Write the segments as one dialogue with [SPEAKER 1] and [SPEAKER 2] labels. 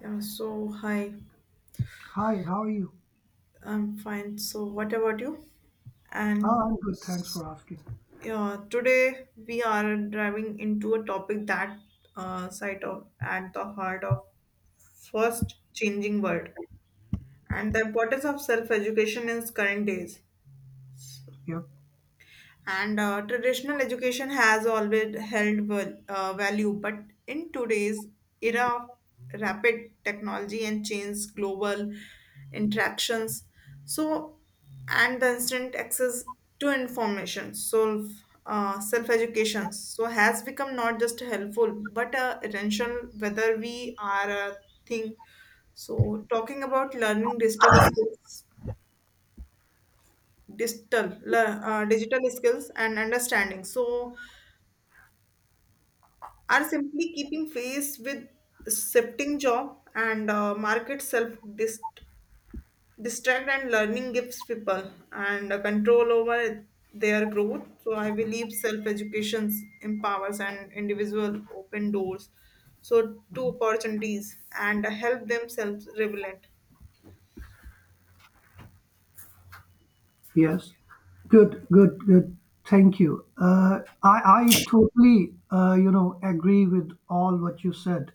[SPEAKER 1] Yeah, so hi.
[SPEAKER 2] Hi, how are you?
[SPEAKER 1] I'm fine. So, what about you?
[SPEAKER 2] Oh,
[SPEAKER 1] And
[SPEAKER 2] I'm good. Thanks for asking.
[SPEAKER 1] yeah, today we are driving into a topic that site of at the heart of first changing world and the importance of self education in current days.
[SPEAKER 2] Yeah.
[SPEAKER 1] And traditional education has always held value, but in today's era of rapid technology and change global interactions, so and the instant access to information, so self education, so has become not just helpful but essential whether we are a thing. So talking about learning digital skills, digital skills and understanding. So are simply keeping pace with shifting job and market distract and learning gives people and control over their growth. So I believe self education empowers an individual, open doors so to opportunities and help themselves relevant.
[SPEAKER 2] Yes. Good, good, good. Thank you. I totally, agree with all what you said.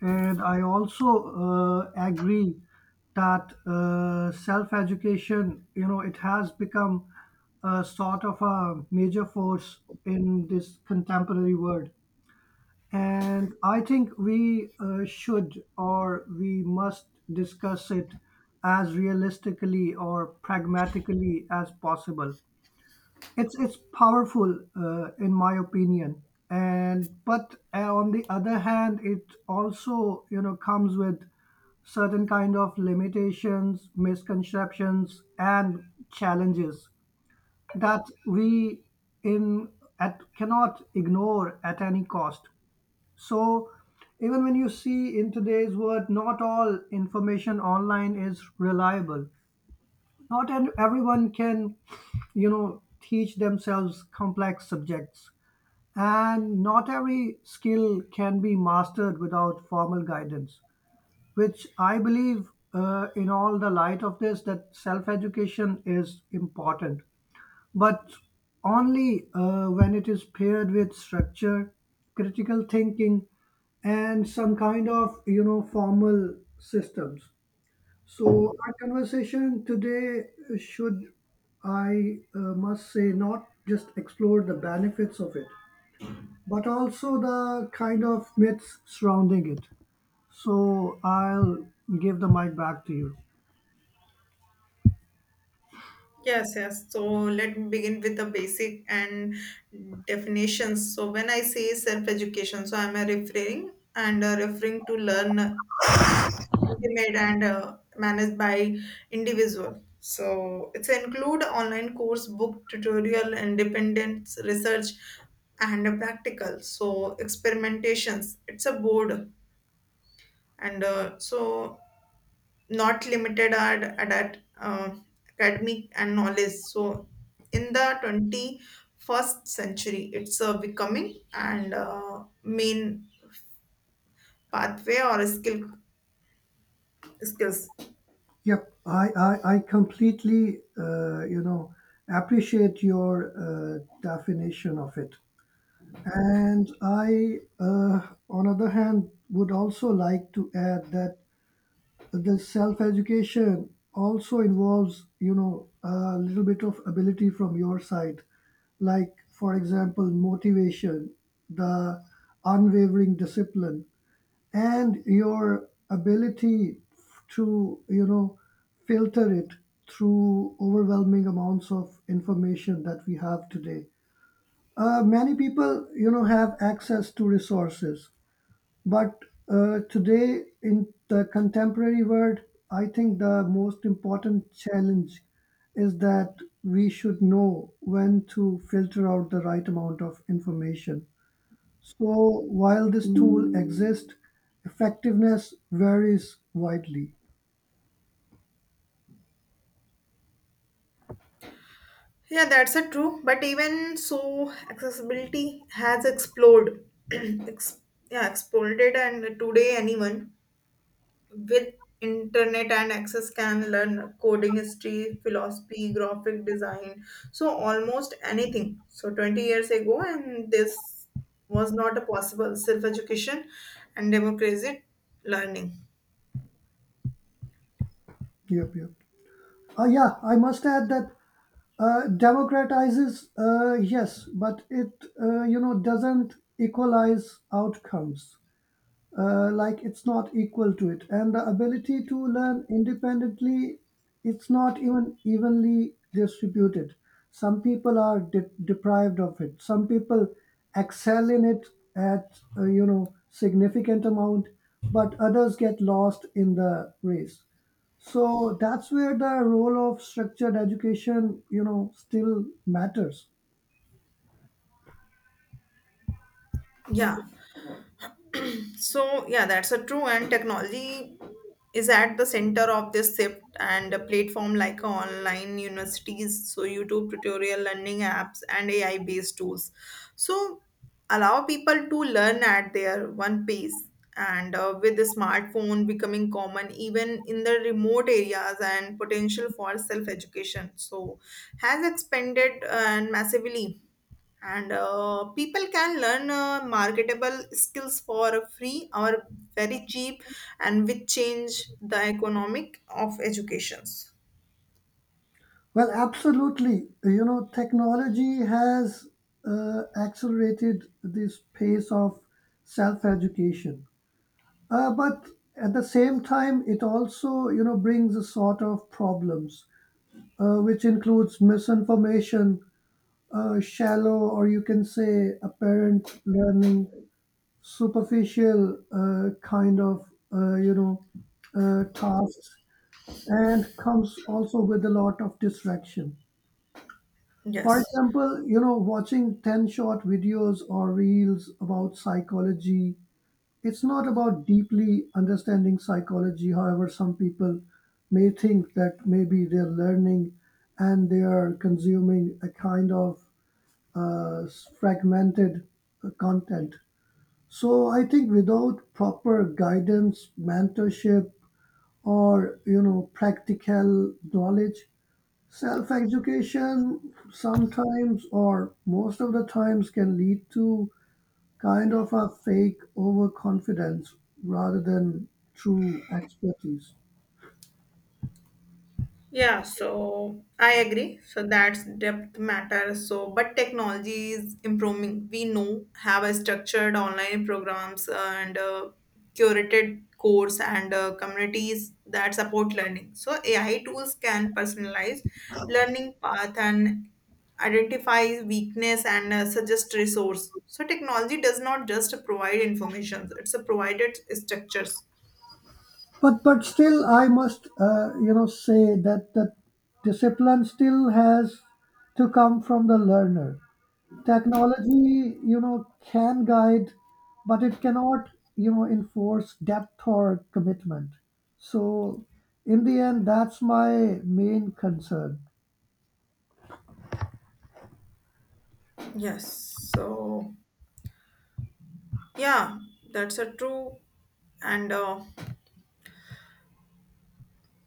[SPEAKER 2] And I also agree that self-education, it has become a sort of a major force in this contemporary world. And I think we should or we must discuss it as realistically or pragmatically as possible. It's powerful, in my opinion. And but on the other hand, it also comes with certain kind of limitations, misconceptions, and challenges that we in at cannot ignore at any cost. So even when you see in today's world, not all information online is reliable. Not an- Everyone can, teach themselves complex subjects. And not every skill can be mastered without formal guidance, which I believe, in all the light of this, that self education is important but only when it is paired with structure, critical thinking, and some kind of formal systems. So our conversation today should, I must say, not just explore the benefits of it, but also the kind of myths surrounding it. So I'll give the mic back to you.
[SPEAKER 1] Yes, yes. So let me begin with the basic and definitions. So when I say self-education, so I'm a referring and referring to learn intimate and managed by individual. So it's include online course, book, tutorial, independent research, and a practical. So experimentations. It's a board and so not limited at academic and knowledge. So in the 21st century, it's becoming and main pathway or skills.
[SPEAKER 2] Yep, I completely, appreciate your definition of it. And I on other hand, would also like to add that the self-education also involves, a little bit of ability from your side, like, for example, motivation, the unwavering discipline, and your ability to filter it through overwhelming amounts of information that we have today. Many people have access to resources, but today in the contemporary world I think the most important challenge is that we should know when to filter out the right amount of information. So while this tool exists, effectiveness varies widely.
[SPEAKER 1] Yeah, that's a true. But even so, accessibility has exploded. Ex- yeah, exploded, and today anyone with internet and access can learn coding, history, philosophy, graphic design, so almost anything. So 20 years ago, and this was not a possible self-education and democratic learning.
[SPEAKER 2] Yep, yep. Yeah, I must add that democratizes, yes, but it doesn't equalize outcomes. Like it's not equal to it, and the ability to learn independently, it's not even evenly distributed. Some people are deprived of it, some people excel in it at significant amount, but others get lost in the race. So that's where the role of structured education still matters.
[SPEAKER 1] Yeah. So yeah, that's a true. And technology is at the center of this shift, and a platform like online universities, so YouTube tutorial, learning apps, and AI based tools. So, allow people to learn at their one pace. And with the smartphone becoming common even in the remote areas and potential for self education, so has expanded and massively, and people can learn marketable skills for free or very cheap and which change the economic of educations,
[SPEAKER 2] Well, absolutely. You know, technology has accelerated this pace of self education. But at the same time, it also, you know, brings a sort of problems, which includes misinformation, shallow, or you can say apparent learning, superficial uh, you know, tasks, and comes also with a lot of distraction. For
[SPEAKER 1] yes.
[SPEAKER 2] example, you know, watching 10 short videos or reels about psychology, it's not about deeply understanding psychology. However, some people may think that maybe they're learning and they are consuming a kind of uh, fragmented content. So I think without proper guidance, mentorship, or practical knowledge, self education sometimes or most of the times can lead to kind of a fake overconfidence rather than true expertise.
[SPEAKER 1] Yeah, so I agree. So that's depth matters. So, but technology is improving. We know have a structured online programs and curated course and communities that support learning. So AI tools can personalize learning path and identify weakness and suggest resource. So technology does not just provide information; it's a provided structures.
[SPEAKER 2] But still, I must say that the discipline still has to come from the learner. Technology, you know, can guide, but it cannot, you know, enforce depth or commitment. So, in the end, that's my main concern.
[SPEAKER 1] Yes. So yeah, that's a true. And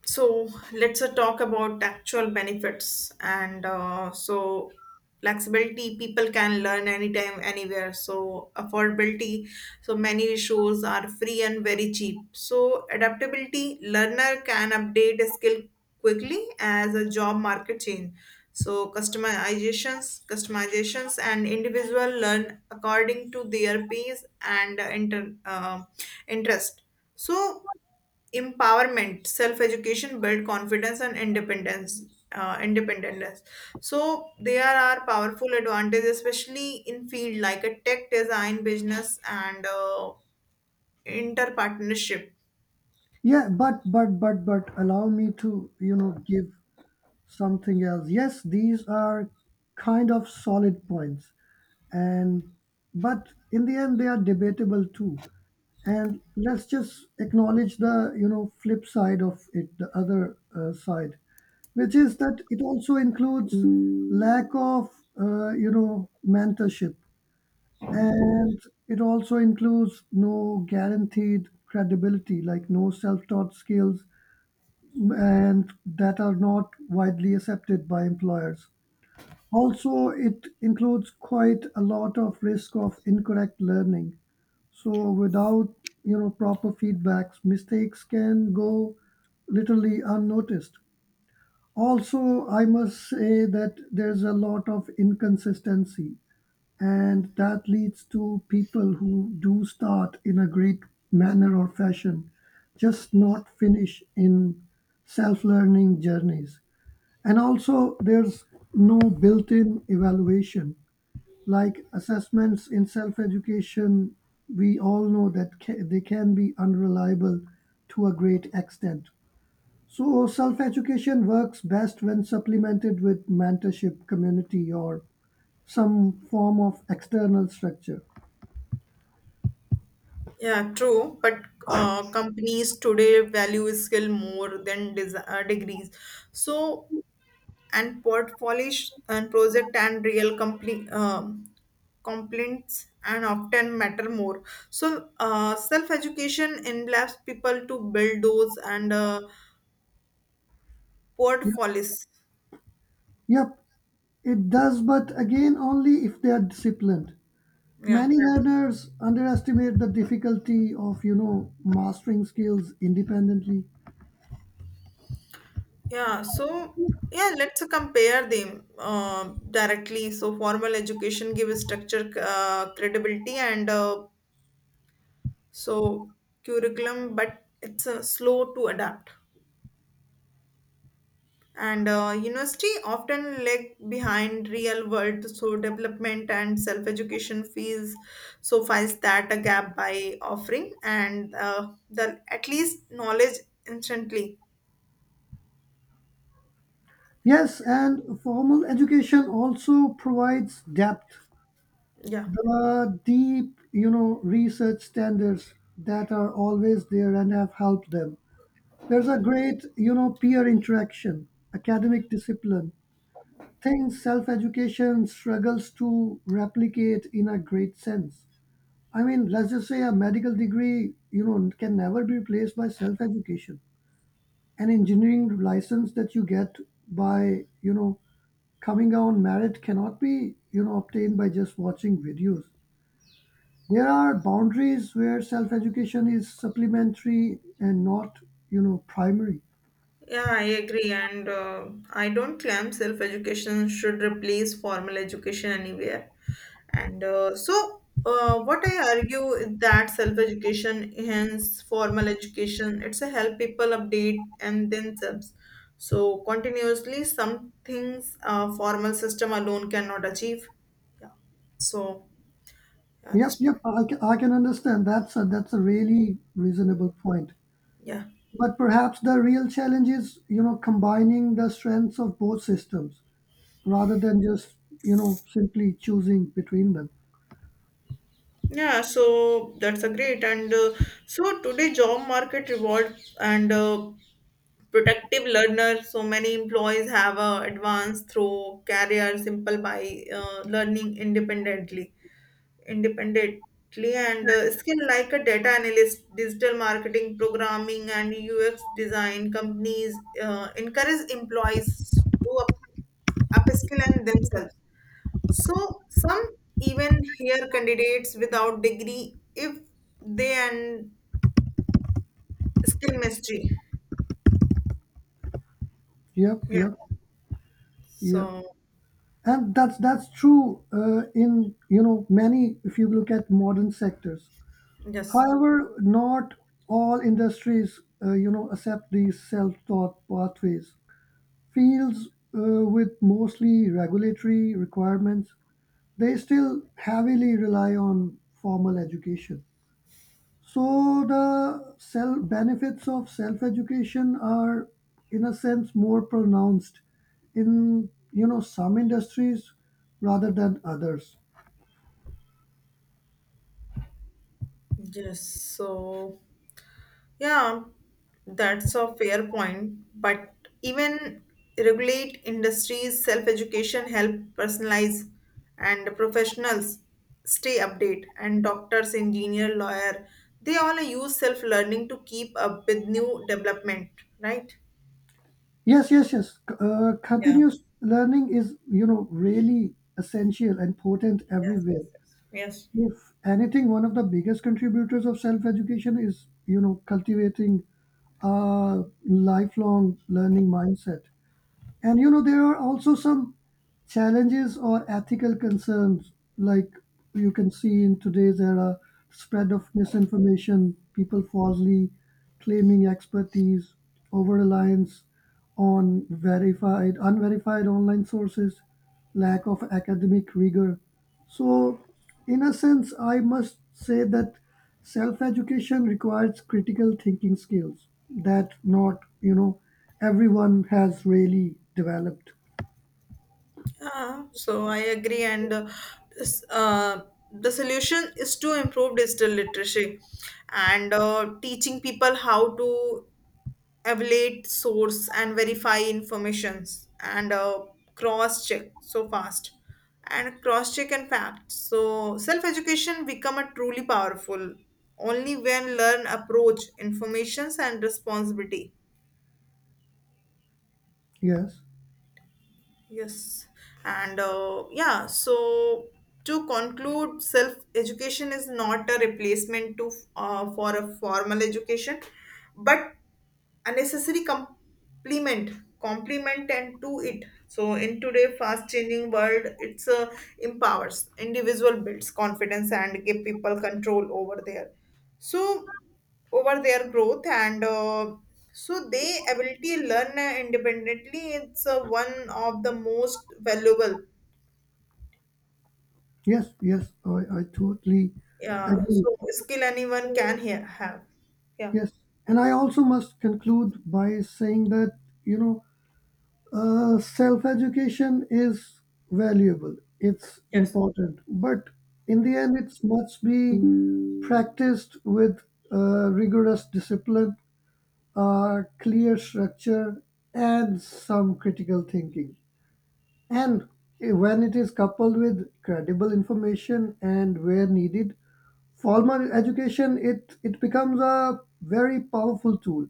[SPEAKER 1] so let's talk about actual benefits. And so flexibility, people can learn anytime, anywhere. So affordability, so many shows are free and very cheap. So adaptability, learner can update a skill quickly as a job market change. So customizations, and individual learn according to their pace and interest. So, empowerment, self education, build confidence and independence. Uh, independence. So there are powerful advantages, especially in field like a tech design business and inter partnership.
[SPEAKER 2] Yeah, but allow me to, you know, give something else. Yes, these are kind of solid points. And but in the end they are debatable too, and let's just acknowledge the flip side of it, the other side, which is that it also includes lack of mentorship, and it also includes no guaranteed credibility, like no self-taught skills and that are not widely accepted by employers. Also, it includes quite a lot of risk of incorrect learning. So, without proper feedbacks, mistakes can go literally unnoticed. Also, I must say that there's a lot of inconsistency, and that leads to people who do start in a great manner or fashion, just not finish in self learning journeys. And also, there's no built in evaluation, like assessments in self-education, we all know that they can be unreliable to a great extent. So, self-education works best when supplemented with mentorship, community, or some form of external structure.
[SPEAKER 1] Yeah, true. But companies today value skill more than degrees. So and portfolios and project and real complete complaints and often matter more, so self education enables people to build those and
[SPEAKER 2] Yep,
[SPEAKER 1] portfolios.
[SPEAKER 2] yep, it does, but again, only if they are disciplined.
[SPEAKER 1] Yeah,
[SPEAKER 2] Many learners underestimate the difficulty of, you know, mastering skills independently.
[SPEAKER 1] yeah. So yeah, let's compare them directly. So formal education gives structure, credibility and so curriculum, but it's slow to adapt. And university often lag behind real world, so development and self education fees so fills that a gap by offering and the at least knowledge instantly.
[SPEAKER 2] Yes, and formal education also provides depth.
[SPEAKER 1] Yeah.
[SPEAKER 2] The deep, you know, research standards that are always there and have helped them. There's a great, you know, peer interaction, academic discipline, things self-education struggles to replicate in a great sense. I mean, let's just say a medical degree, you know, can never be replaced by self-education. An engineering license that you get by, you know, coming on merit cannot be obtained by just watching videos. There are boundaries where self education is supplementary and not primary.
[SPEAKER 1] Yeah, I agree. And I don't claim self education should replace formal education anywhere. And what I argue is that self education hence formal education. It's a help people update and themselves. So, continuously, some things a formal system alone cannot achieve. Yeah. So, at this
[SPEAKER 2] Yep, yep,
[SPEAKER 1] point,
[SPEAKER 2] I can understand that's a really reasonable point,
[SPEAKER 1] yeah.
[SPEAKER 2] but perhaps the real challenge is combining the strengths of both systems rather than just simply choosing between them.
[SPEAKER 1] Yeah, so that's a great and so today job market reward and protective learner, so many employees have advanced through career simple by learning independently and skill like a data analyst, digital marketing, programming and UX design. Companies encourage employees to upskill and themselves, so some even hire candidates without degree if they and skill mastery.
[SPEAKER 2] Yep,
[SPEAKER 1] Yeah,
[SPEAKER 2] yep, yep.
[SPEAKER 1] so
[SPEAKER 2] And that's true in many if you look at modern sectors.
[SPEAKER 1] yes.
[SPEAKER 2] However, not all industries accept these self-taught pathways. Fields with mostly regulatory requirements, they still heavily rely on formal education. So the self benefits of self education are, in a sense, more pronounced in some industries rather than others.
[SPEAKER 1] Yes, so yeah, that's a fair point. But even regulate industries, self-education help personalize and professionals stay update and doctors, engineer, lawyer, they all use self-learning to keep up with new development, right?
[SPEAKER 2] Yes, yes, yes.
[SPEAKER 1] Yeah.
[SPEAKER 2] Continuous learning is really essential and potent
[SPEAKER 1] Yes, yes,
[SPEAKER 2] everywhere.
[SPEAKER 1] yes. Yes.
[SPEAKER 2] If anything, one of the biggest contributors of self education is cultivating a lifelong learning mindset. And there are also some challenges or ethical concerns, like you can see in today's era, spread of misinformation, people falsely claiming expertise, over reliance on verified unverified online sources, lack of academic rigor. So in a sense I must say that self education requires critical thinking skills that not everyone has really developed.
[SPEAKER 1] Yeah, so I agree, and this, uh, the solution is to improve digital literacy and teaching people how to evaluate source and verify informations and cross check so fast and cross check and facts. So self education become a truly powerful only when learn approach informations and responsibility.
[SPEAKER 2] Yes.
[SPEAKER 1] Yes, and yeah, so to conclude, self-education is not a replacement to for a formal education, but a necessary complement and to it. So in today fast-changing world, it's empowers individual, builds confidence and give people control over their so over their growth and so they ability to learn independently, it's one of the most valuable,
[SPEAKER 2] Yes, yes, I totally
[SPEAKER 1] yeah, so
[SPEAKER 2] agree.
[SPEAKER 1] skill anyone can have. Yeah.
[SPEAKER 2] Yes. And I also must conclude by saying that, you know, self education is valuable, it's
[SPEAKER 1] Yes.
[SPEAKER 2] important, but in the end, it must be practiced with rigorous discipline, clear structure, and some critical thinking. And when it is coupled with credible information and where needed, formal education, it becomes a very powerful tool.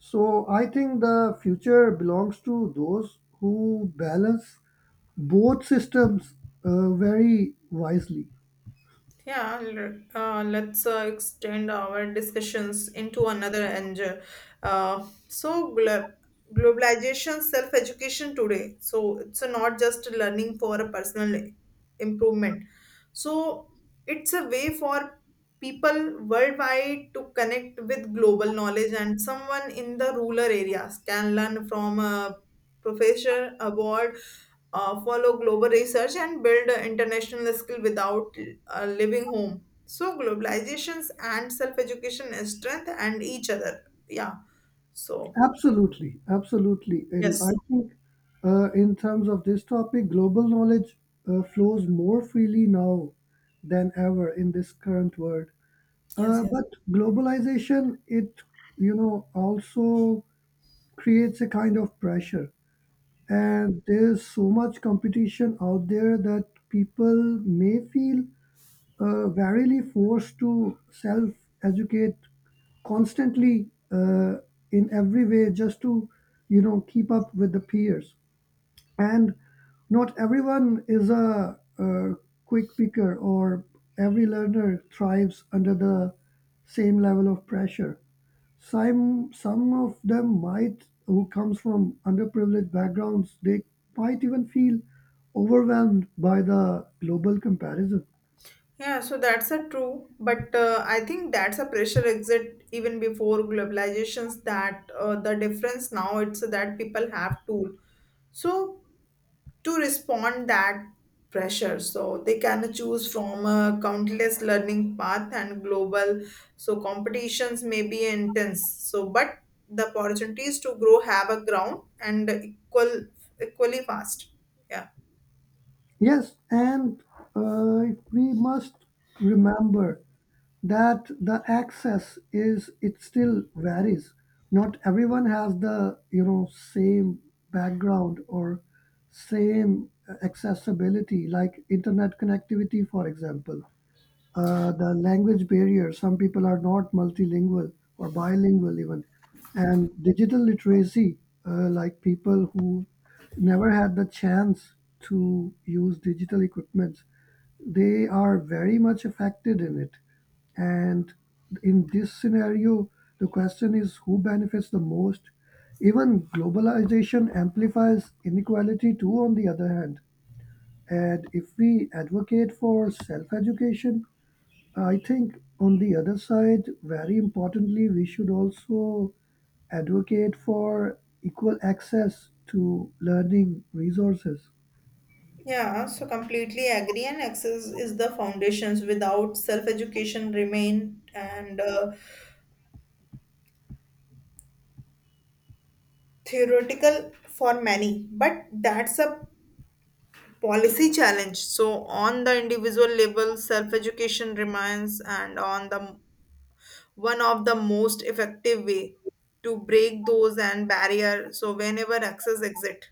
[SPEAKER 2] So I think the future belongs to those who balance both systems very wisely.
[SPEAKER 1] Yeah, let's extend our discussions into another angle. So, globalization, self education today. So, it's not just learning for a personal improvement. So, it's a way for people worldwide to connect with global knowledge, and someone in the rural areas can learn from professor award, follow global research, and build international skill without leaving home. So globalizations and self-education strength and each other. Yeah. So
[SPEAKER 2] Absolutely, absolutely. And I
[SPEAKER 1] yes,
[SPEAKER 2] think in terms of this topic, global knowledge flows more freely now than ever in this current world.
[SPEAKER 1] yes, yes.
[SPEAKER 2] But globalization, it also creates a kind of pressure,
[SPEAKER 1] Yeah.
[SPEAKER 2] and there's so much competition out there that people may feel verily forced to self-educate constantly in every way just to keep up with the peers, and not everyone is a, quick picker, or every learner thrives under the same level of pressure. Some of them might, who comes from underprivileged backgrounds, they might even feel overwhelmed by the global comparison.
[SPEAKER 1] Yeah, so that's a true, but I think that's a pressure exit even before globalizations that the difference now it's that people have tool. So to respond that pressure, so they can choose from a countless learning path and global so competitions may be intense, so but the opportunities to grow have a ground and equally fast, yeah.
[SPEAKER 2] Yes, and uh, we must remember that the access is it still varies. Not everyone has the same background or same accessibility, like internet connectivity, for example, the language barrier. Some people are not multilingual or bilingual even, and digital literacy, like people who never had the chance to use digital equipment, they are very much affected in it. And in this scenario, the question is who benefits the most. Even globalization amplifies inequality too. On the other hand, and if we advocate for self-education, I think on the other side, very importantly, we should also advocate for equal access to learning resources.
[SPEAKER 1] Yeah, so completely agree, and access is the foundations without self education remain and theoretical for many, but that's a policy challenge. So on the individual level, self education remains and on the one of the most effective way to break those and barrier, so whenever access exit.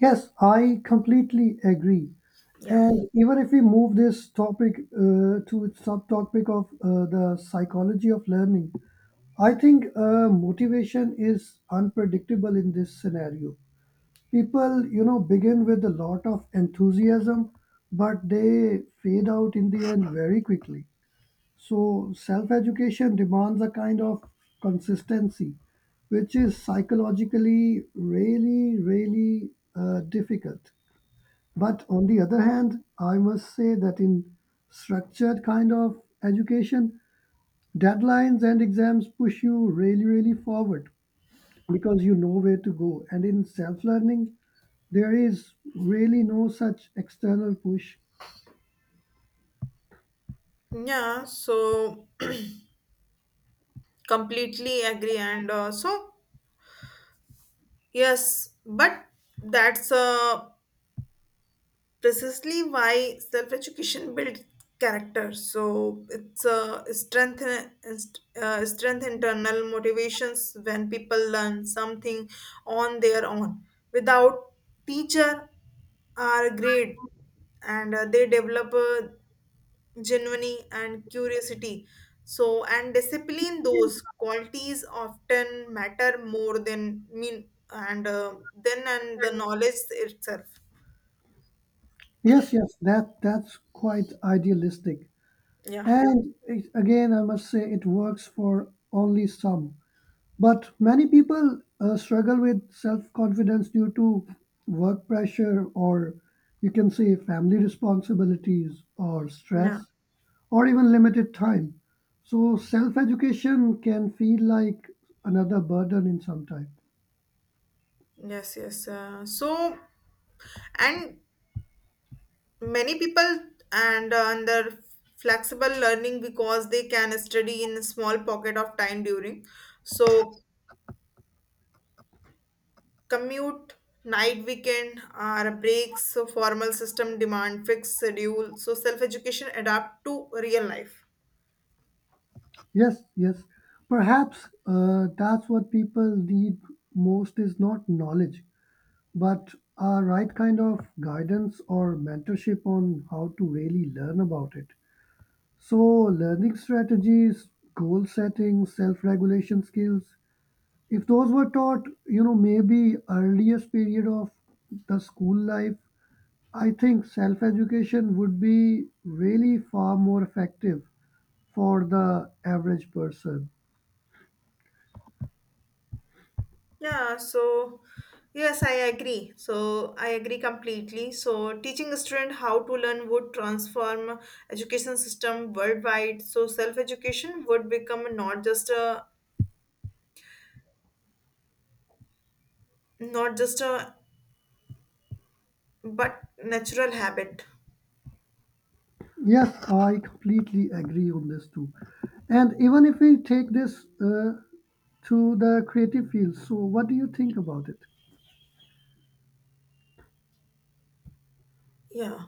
[SPEAKER 2] Yes, I completely agree.
[SPEAKER 1] Yeah,
[SPEAKER 2] And even if we move this topic to its subtopic of the psychology of learning, I think motivation is unpredictable in this scenario. People begin with a lot of enthusiasm, but they fade out in the end very quickly. So self education demands a kind of consistency, which is psychologically really really difficult. But on the other hand, I must say that in structured kind of education, deadlines and exams push you really really forward because you know where to go, and in self learning there is really no such external push.
[SPEAKER 1] yeah, so completely agree and so yes, but that's precisely why self education builds character. So it's a strength internal motivations when people learn something on their own without teacher or grade, and they develop a genuine and curiosity. So and discipline those qualities often matter more than mean and then and the knowledge itself.
[SPEAKER 2] Yes, yes, that's quite idealistic.
[SPEAKER 1] Yeah,
[SPEAKER 2] And it, again, I must say, it works for only some. But many people struggle with self-confidence due to work pressure or you can say family responsibilities or
[SPEAKER 1] yeah.
[SPEAKER 2] stress or even limited time. So self-education can feel like another burden in some time.
[SPEAKER 1] Yes, yes. So, and many people and under flexible learning because they can study in a small pocket of time during. So, commute, night, weekend, or breaks. So, formal system demand fixed schedule. So, self education adapt to real life.
[SPEAKER 2] Yes, yes. Perhaps that's what people need most is not knowledge, but a right kind of guidance or mentorship on how to really learn about it. So, learning strategies, goal setting, self regulation skills, if those were taught, you know, maybe earliest period of the school life, I think self education would be really far more effective for the average person.
[SPEAKER 1] Yeah, so yes, I agree. So I agree completely. So teaching a student how to learn would transform education system worldwide. So self-education would become not just a but natural habit.
[SPEAKER 2] Yes, I completely agree on this too. And even if we take this to the creative field, so what do you think about it?
[SPEAKER 1] Yeah.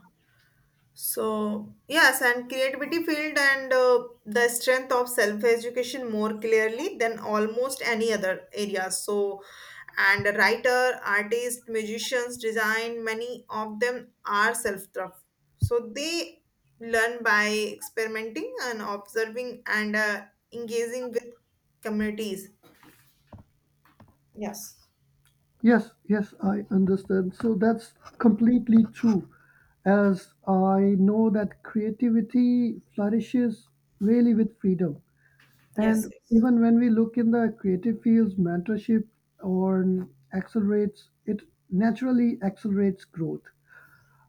[SPEAKER 1] So, yes, and creativity field and the strength of self-education more clearly than almost any other areas. So, and a writer, artist, musicians, design, many of them are self-taught. So they learn by experimenting and observing and engaging with communities. Yes.
[SPEAKER 2] Yes, yes, I understand. So that's completely true, as I know that creativity flourishes really with freedom.
[SPEAKER 1] Yes.
[SPEAKER 2] And
[SPEAKER 1] Yes.
[SPEAKER 2] even when we look in the creative fields, mentorship or accelerates, it naturally accelerates growth.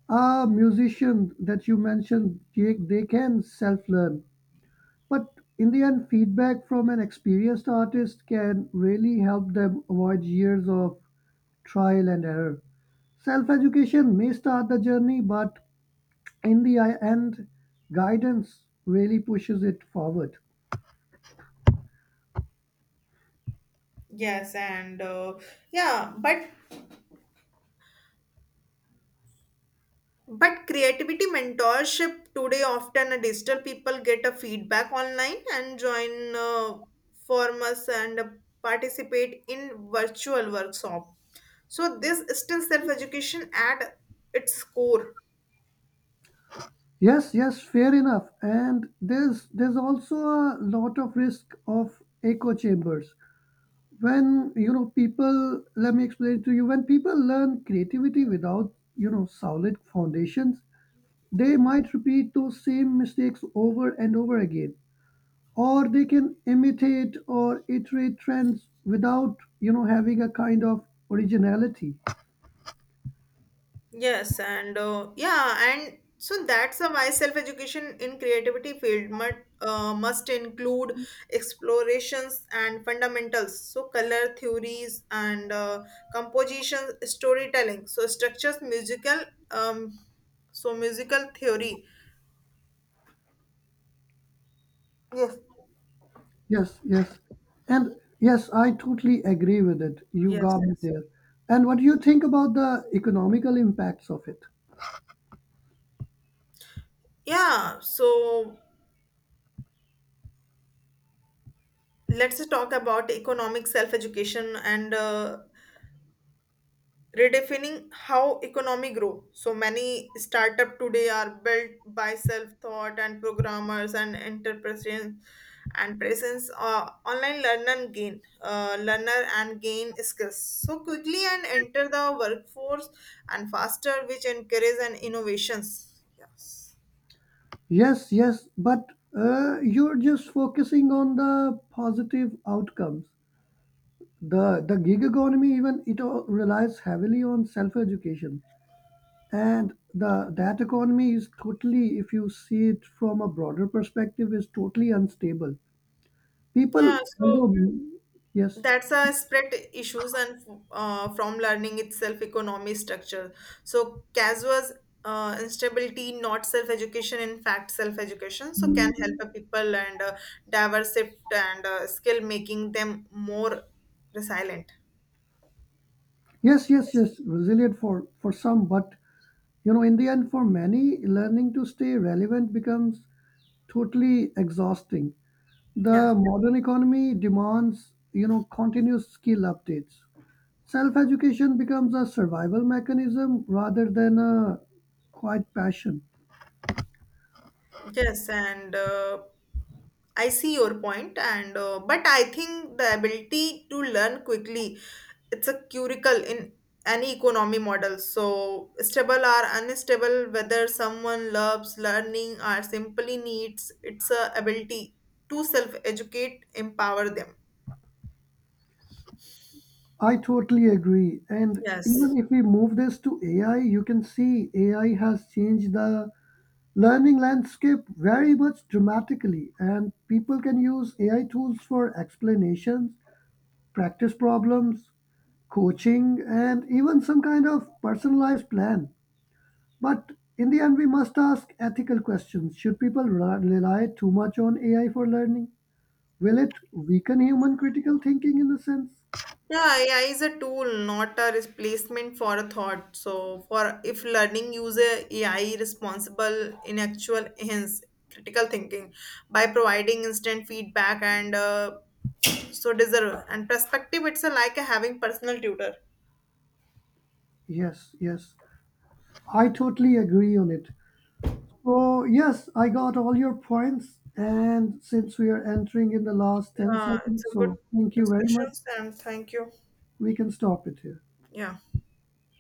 [SPEAKER 2] Ah, musicians that you mentioned, Jake, they can self learn. But in the end, feedback from an experienced artist can really help them avoid years of trial and error. Self education may start the journey, but in the end, guidance really pushes it forward.
[SPEAKER 1] Yes, and yeah, but creativity mentorship today often a digital people get a feedback online and join forums and participate in virtual workshop. So this is still self education at its core.
[SPEAKER 2] Yes, yes, fair enough. And there's also a lot of risk of echo chambers. When you know people, let me explain to you, when people learn creativity without solid foundations, they might repeat those same mistakes over and over again, or they can imitate or iterate trends without having a kind of originality.
[SPEAKER 1] Yes, and yeah, and so that's a why self-education in creativity field must include explorations and fundamentals. So color theories and composition, storytelling. So structures, musical, um, so musical theory. Yes,
[SPEAKER 2] Yes, yes, and yes I totally agree with it, you
[SPEAKER 1] yes,
[SPEAKER 2] got me
[SPEAKER 1] yes.
[SPEAKER 2] there. And what do you think about the economical impacts of it?
[SPEAKER 1] Yeah. So let's talk about economic self-education and redefining how economy grow, so many startup today are built by self-thought and programmers and entrepreneurs and presence, online learn and gain learner and gain skills so quickly and enter the workforce and faster, which encourage and innovations, yes.
[SPEAKER 2] Yes, yes, but you're just focusing on the positive outcomes. The gig economy, even it all relies heavily on self-education, and the that economy is totally, if you see it from a broader perspective, is totally unstable.
[SPEAKER 1] Yeah,
[SPEAKER 2] People,
[SPEAKER 1] so
[SPEAKER 2] although, yes,
[SPEAKER 1] that's a spread issues and from learning itself economy structure, so cas was instability, not self education. In fact, self education so can help a people and diverse and skill, making them more resilient,
[SPEAKER 2] yes, yes,
[SPEAKER 1] yes.
[SPEAKER 2] yes, resilient for some, but you know, in the end, for many, learning to stay relevant becomes totally exhausting. The
[SPEAKER 1] Yeah.
[SPEAKER 2] modern economy demands, you know, continuous skill updates. Self-education becomes a survival mechanism rather than a quiet passion.
[SPEAKER 1] Yes, and I see your point, and but I think the ability to learn quickly, it's a curricle in any economy model. So stable or unstable, whether someone loves learning or simply needs, it's a ability to self-educate, empower them.
[SPEAKER 2] I totally agree. And
[SPEAKER 1] Yes.
[SPEAKER 2] even if we move this to AI, you can see AI has changed the learning landscape very much dramatically. And people can use AI tools for explanations, practice problems, coaching, and even some kind of personalized plan. But in the end, we must ask ethical questions. Should people rely too much on AI for learning? Will it weaken human critical thinking in a sense?
[SPEAKER 1] Yeah, AI is a tool, not a replacement for a thought. So, for if learning use a AI responsible in actual hence critical thinking by providing instant feedback and so deserve and perspective. It's a, like a having personal tutor.
[SPEAKER 2] Yes, yes. I totally agree on it. So, yes, I got all your points. And since we are entering in the last 10
[SPEAKER 1] Yeah, it's
[SPEAKER 2] seconds,
[SPEAKER 1] a good
[SPEAKER 2] so thank you very much.
[SPEAKER 1] discussions and thank you.
[SPEAKER 2] We can stop it here.
[SPEAKER 1] Yeah.